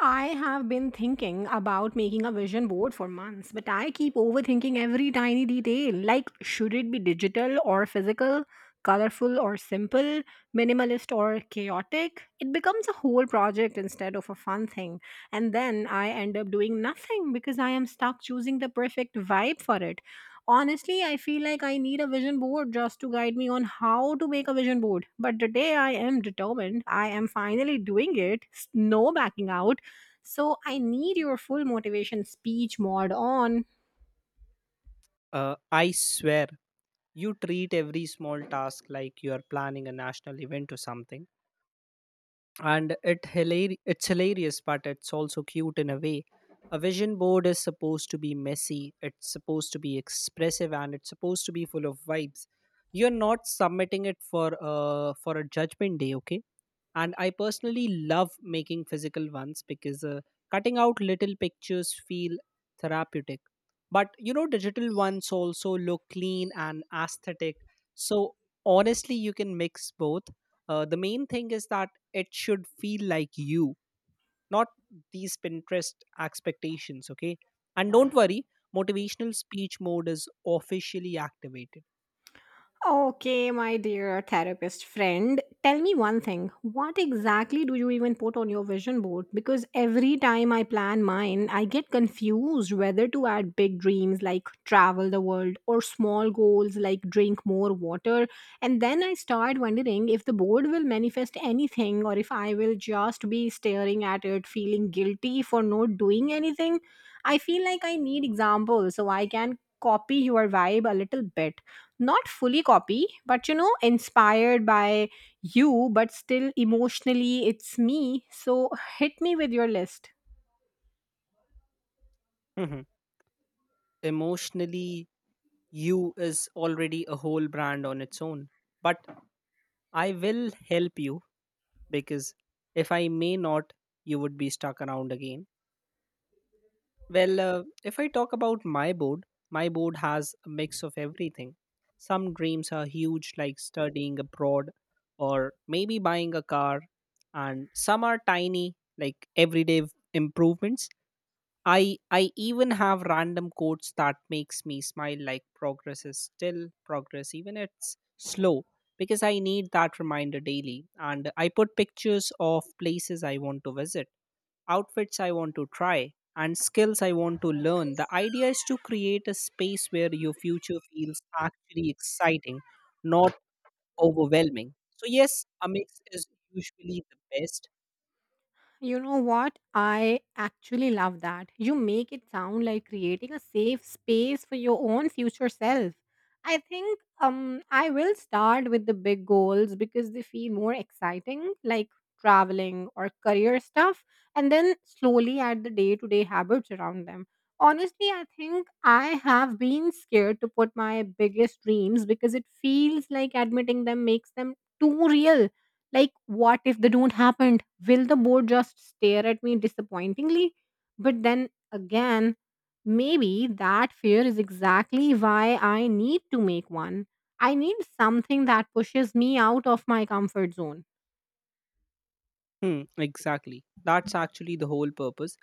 I have been thinking about making a vision board for months, but I keep overthinking every tiny detail. Like, should it be digital or physical, colorful or simple, minimalist or chaotic? It becomes a whole project instead of a fun thing. And then I end up doing nothing because I am stuck choosing the perfect vibe for it. Honestly, I feel like I need a vision board just to guide me on how to make a vision board. But today I am determined. I am finally doing it. No backing out, so I need your full motivation speech mod on. I swear, you treat every small task like you are planning a national event or something. And it's hilarious, but it's also cute in a way. A vision board is supposed to be messy, it's supposed to be expressive, and it's supposed to be full of vibes. You're not submitting it for a judgment day, okay? And I personally love making physical ones because, cutting out little pictures feel therapeutic, but you know, digital ones also look clean and aesthetic, so honestly, you can mix both. The main thing is that it should feel like you, not these Pinterest expectations, okay? And don't worry, motivational speech mode is officially activated. Okay, my dear therapist friend, tell me one thing. What exactly do you even put on your vision board? Because every time I plan mine, I get confused whether to add big dreams like travel the world or small goals like drink more water. And then I start wondering if the board will manifest anything or if I will just be staring at it, feeling guilty for not doing anything. I feel like I need examples so I can copy your vibe a little bit, not fully copy but, you know, inspired by you, but still emotionally it's me, so hit me with your list. Mhm. Emotionally, you is already a whole brand on its own. But I will help you, because if I may not, you would be stuck around again. Well, if I talk about my board has a mix of everything. Some dreams are huge, like studying abroad or maybe buying a car, and some are tiny, like everyday improvements. I even have random quotes that makes me smile, like progress is still progress even it's slow, because I need that reminder daily. And I put pictures of places I want to visit, outfits I want to try, and skills I want to learn. The idea is to create a space where your future feels actually exciting, not overwhelming. So yes, a mix is usually the best. You know what? I actually love that. You make it sound like creating a safe space for your own future self. I think I will start with the big goals because they feel more exciting, like traveling or career stuff, and then slowly add the day-to-day habits around them. Honestly, I think I have been scared to put my biggest dreams because it feels like admitting them makes them too real. Like, what if they don't happen? Will the board just stare at me disappointingly? But then again, maybe that fear is exactly why I need to make one. I need something that pushes me out of my comfort zone. Hmm, exactly. That's actually the whole purpose.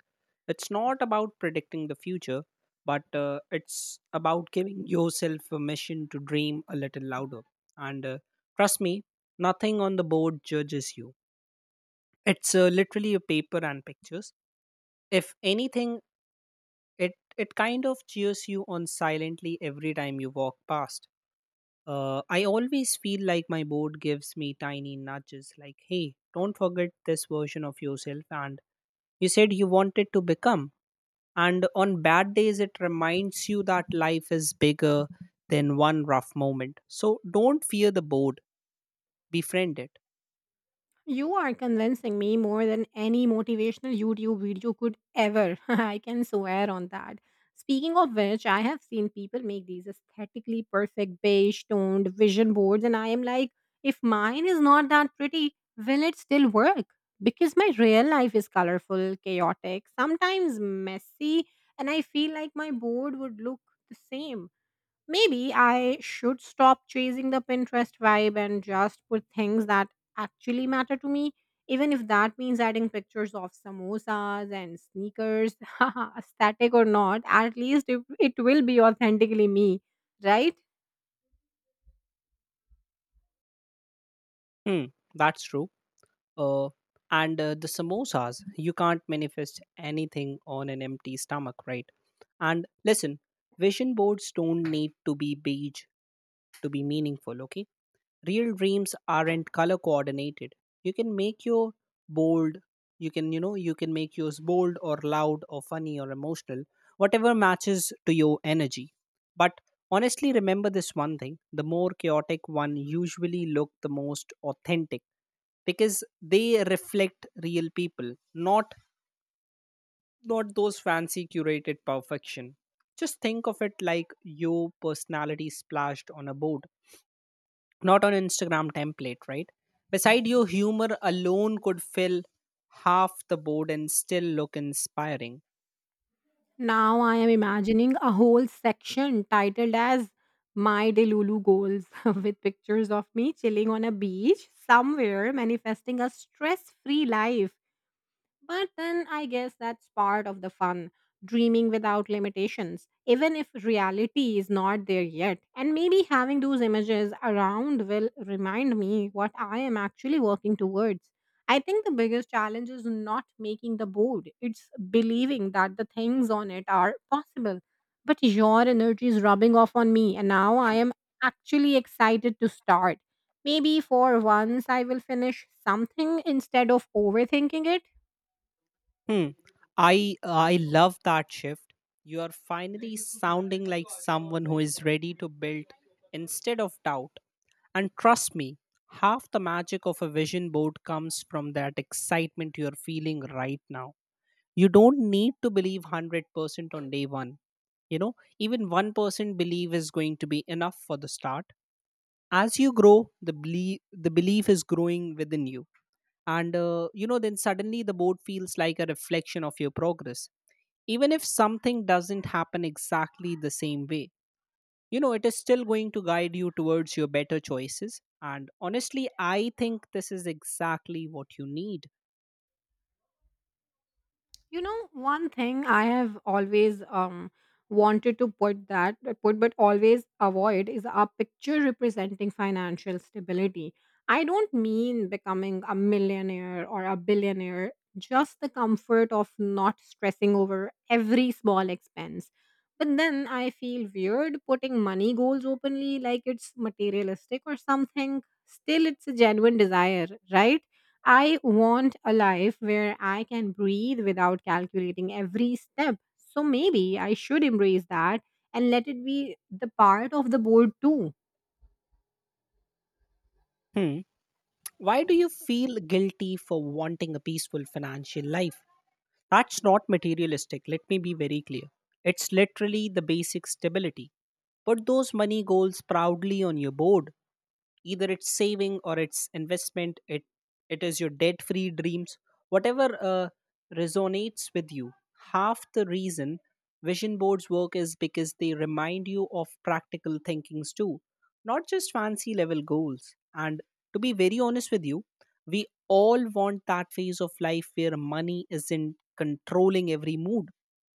It's not about predicting the future, but it's about giving yourself permission to dream a little louder. And trust me, nothing on the board judges you. It's literally a paper and pictures. If anything, it kind of cheers you on silently every time you walk past. I always feel like my board gives me tiny nudges, like, "Hey, don't forget this version of yourself," and you said you wanted to become. And on bad days, it reminds you that life is bigger than one rough moment. So don't fear the board, befriend it. You are convincing me more than any motivational YouTube video could ever. I can swear on that. Speaking of which, I have seen people make these aesthetically perfect beige toned vision boards, and I am like, if mine is not that pretty, will it still work? Because my real life is colorful, chaotic, sometimes messy, and I feel like my board would look the same. Maybe I should stop chasing the Pinterest vibe and just put things that actually matter to me, even if that means adding pictures of samosas and sneakers. Haha, aesthetic or not, at least it will be authentically me, right? Hmm, that's true. Uh, and The samosas, you can't manifest anything on an empty stomach, right? And listen, vision boards don't need to be beige to be meaningful, okay? Real dreams aren't color coordinated. You can make your bold, you can, you know, you can make yours bold or loud or funny or emotional, whatever matches to your energy. But honestly, remember this one thing: the more chaotic one usually look the most authentic, because they reflect real people, not those fancy curated perfection. Just think of it like your personality splashed on a board, not on Instagram template, right? Beside, your humor alone could fill half the board and still look inspiring. Now I am imagining a whole section titled as My Delulu Goals with pictures of me chilling on a beach somewhere manifesting a stress free life. But then I guess that's part of the fun, dreaming without limitations, even if reality is not there yet. And maybe having those images around will remind me what I am actually working towards. I think the biggest challenge is not making the board, it's believing that the things on it are possible. But your energy is rubbing off on me, and now I am actually excited to start. Maybe for once I will finish something instead of overthinking it. Hmm. I love that shift. You are finally sounding like someone who is ready to build instead of doubt. And trust me, half the magic of a vision board comes from that excitement you are feeling right now. You don't need to believe 100% on day one. You know, even 1% believe is going to be enough for the start. As you grow the belief is growing within you, and you know, then suddenly the board feels like a reflection of your progress, even if something doesn't happen exactly the same way. You know, it is still going to guide you towards your better choices, and honestly, I think this is exactly what you need. You know, one thing I have always wanted to put but always avoid is a picture representing financial stability. I don't mean becoming a millionaire or a billionaire, just the comfort of not stressing over every small expense. But then I feel weird putting money goals openly, like it's materialistic or something. Still, it's a genuine desire, right? I want a life where I can breathe without calculating every step. So maybe I should embrace that and let it be the part of the board too. Hmm. Why do you feel guilty for wanting a peaceful financial life? That's not materialistic, let me be very clear. It's literally the basic stability. Put those money goals proudly on your board, either it's saving or it's investment, it is your debt free dreams, whatever resonates with you. Half the reason vision boards work is because they remind you of practical thinkings too, not just fancy level goals. And to be very honest with you, we all want that phase of life where money isn't controlling every mood.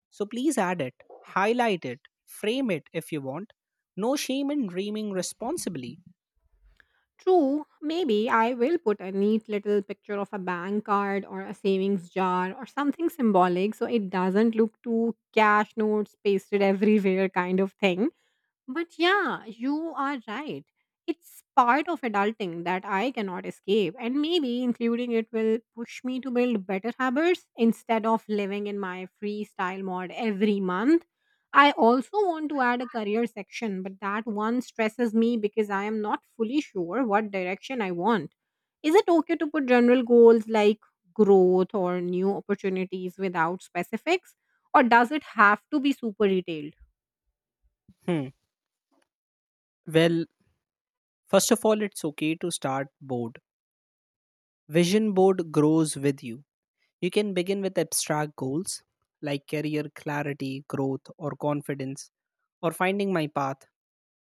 So please add it, highlight it, frame it if you want. No shame in dreaming responsibly. True, maybe I will put a neat little picture of a bank card or a savings jar or something symbolic so it doesn't look too cash notes pasted everywhere kind of thing. But yeah, you are right. It's part of adulting that I cannot escape, and maybe including it will push me to build better habits instead of living in my freestyle mod every month. I also want to add a career section, but that one stresses me because I am not fully sure what direction I want. Is it okay to put general goals like growth or new opportunities without specifics, or does it have to be super detailed? Hmm. Well, first of all, it's okay to start board. Vision board grows with you. You can begin with abstract goals like career clarity, growth, or confidence, or finding my path.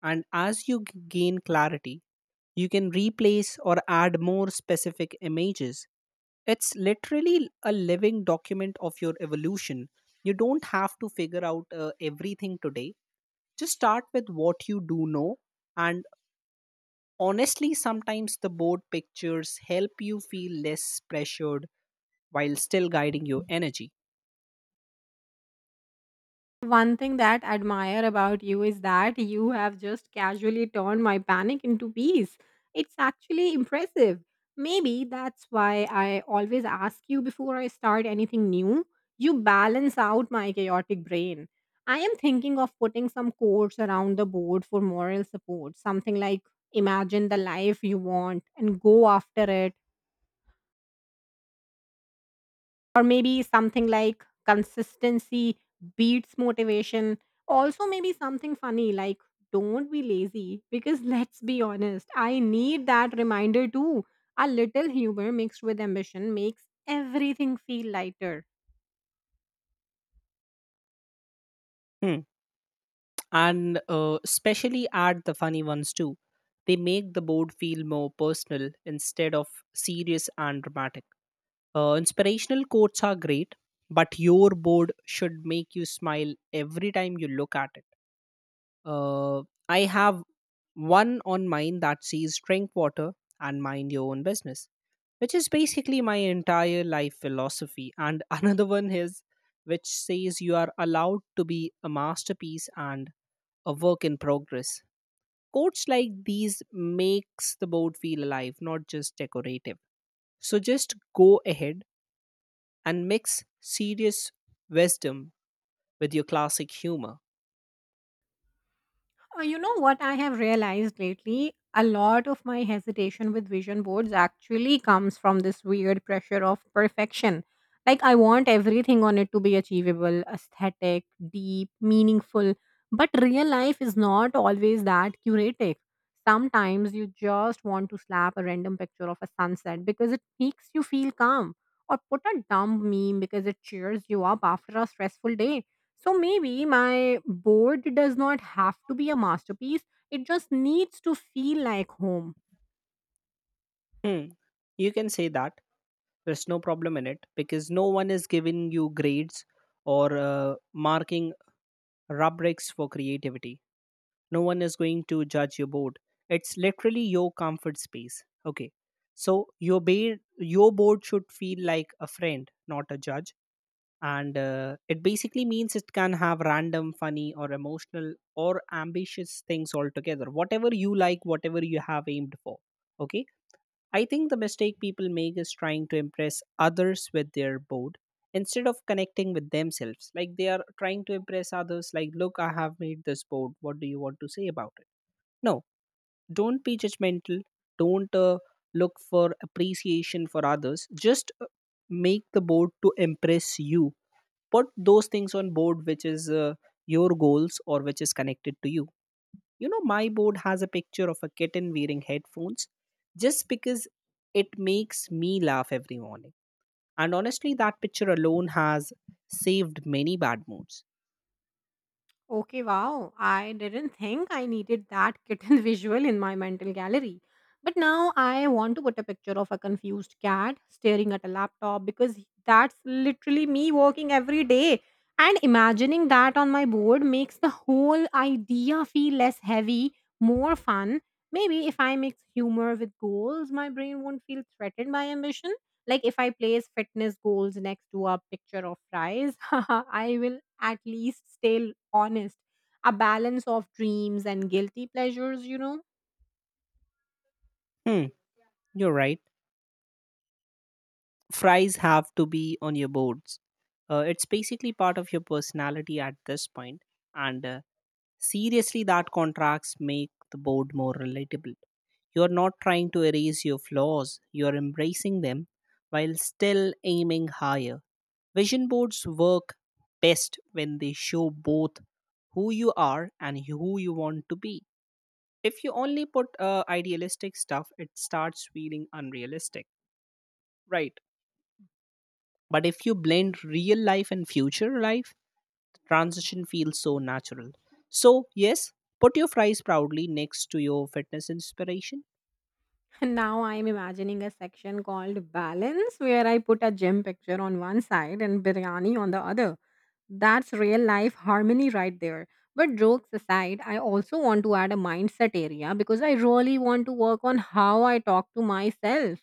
And as you gain clarity, you can replace or add more specific images. It's literally a living document of your evolution. You don't have to figure out everything today. Just start with what you do know. And honestly, sometimes the board pictures help you feel less pressured while still guiding your energy. One thing that I admire about you is that you have just casually turned my panic into peace. It's actually impressive. Maybe that's why I always ask you before I start anything new. You balance out my chaotic brain. I am thinking of putting some quotes around the board for moral support, something like imagine the life you want and go after it, or maybe something like consistency beats motivation, also maybe something funny like don't be lazy because let's be honest, I need that reminder too. A little humor mixed with ambition makes everything feel lighter. Hmm. And especially add the funny ones too. They make the board feel more personal instead of serious and dramatic. Inspirational quotes are great, but your board should make you smile every time you look at it. Uh, I have one on mine that says drink water and mind your own business, which is basically my entire life philosophy. And another one is, which says, you are allowed to be a masterpiece and a work in progress. Quotes like these makes the board feel alive, not just decorative. So just go ahead and mix serious wisdom with your classic humor. You know what I have realized lately? A lot of my hesitation with vision boards actually comes from this weird pressure of perfection. Like, I want everything on it to be achievable, aesthetic, deep, meaningful. But real life is not always that curative. Sometimes you just want to slap a random picture of a sunset because it makes you feel calm, or put a dumb meme because it cheers you up after a stressful day. So maybe my board does not have to be a masterpiece. It just needs to feel like home. Hmm, you can say that. There's no problem in it, because no one is giving you grades or marking rubrics for creativity. No one is going to judge your board. It's literally your comfort space, okay? So your your board should feel like a friend, not a judge. And it basically means it can have random funny or emotional or ambitious things altogether, whatever you like, whatever you have aimed for, okay? I think the mistake people make is trying to impress others with their board instead of connecting with themselves, like they are trying to impress others, like look, I have made this board, what do you want to say about it. No, don't be judgmental. Don't look for appreciation for others. Just make the board to impress you. Put those things on board which is your goals, or which is connected to you. You know, my board has a picture of a kitten wearing headphones just because it makes me laugh every morning. And honestly, that picture alone has saved many bad moods. Okay, wow. I didn't think I needed that kitten visual in my mental gallery. But now I want to put a picture of a confused cat staring at a laptop because that's literally me working every day. And imagining that on my board makes the whole idea feel less heavy, more fun. Maybe if I mix humor with goals, my brain won't feel threatened by ambition. Like, if I place fitness goals next to a picture of fries, I will at least stay honest. A balance of dreams and guilty pleasures, you know. Hmm, you're right. Fries have to be on your boards. It's basically part of your personality at this point, and seriously, that contracts make the board more relatable. You're not trying to erase your flaws, you're embracing them while still aiming higher. Vision boards work best when they show both who you are and who you want to be. If you only put idealistic stuff, it starts feeling unrealistic, right? But if you blend real life and future life, the transition feels so natural. So yes, put your fries proudly next to your fitness inspiration. And now I am imagining a section called balance where I put a gym picture on one side and biryani on the other. That's real life harmony right there. But jokes aside, I also want to add a mindset area because I really want to work on how I talk to myself.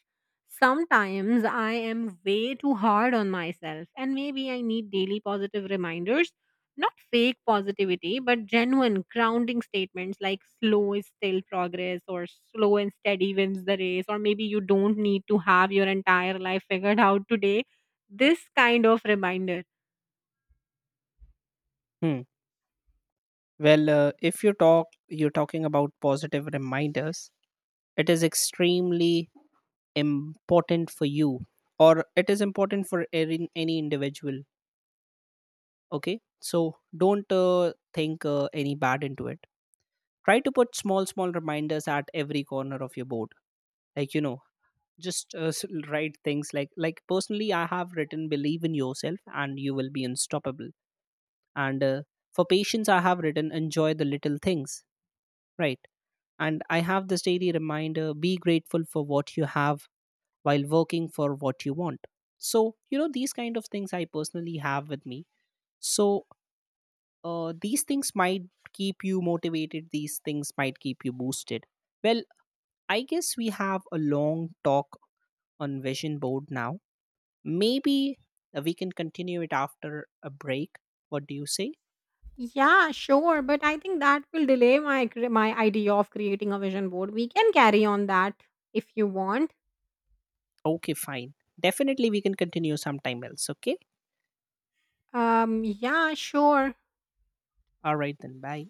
Sometimes I am way too hard on myself, and maybe I need daily positive reminders, not fake positivity, but genuine grounding statements like slow is still progress, or slow and steady wins the race, or maybe you don't need to have your entire life figured out today. This kind of reminder. Hmm. Well, if you talk, you're talking about positive reminders. It is extremely important for you, or it is important for any individual. Okay, so don't think any bad into it. Try to put small, small reminders at every corner of your board, like you know, just write things like, personally I have written, believe in yourself and you will be unstoppable. And for patience I have written, enjoy the little things, right? And I have this daily reminder, be grateful for what you have while working for what you want. So you know, these kind of things I personally have with me. So these things might keep you motivated, these things might keep you boosted. Well, I guess we have a long talk on vision board now. Maybe we can continue it after a break. What do you say? Yeah, sure, but I think that will delay my my idea of creating a vision board. We can carry on that if you want. Okay, fine. Definitely we can continue sometime else. Okay. Yeah, sure. All right then. Bye.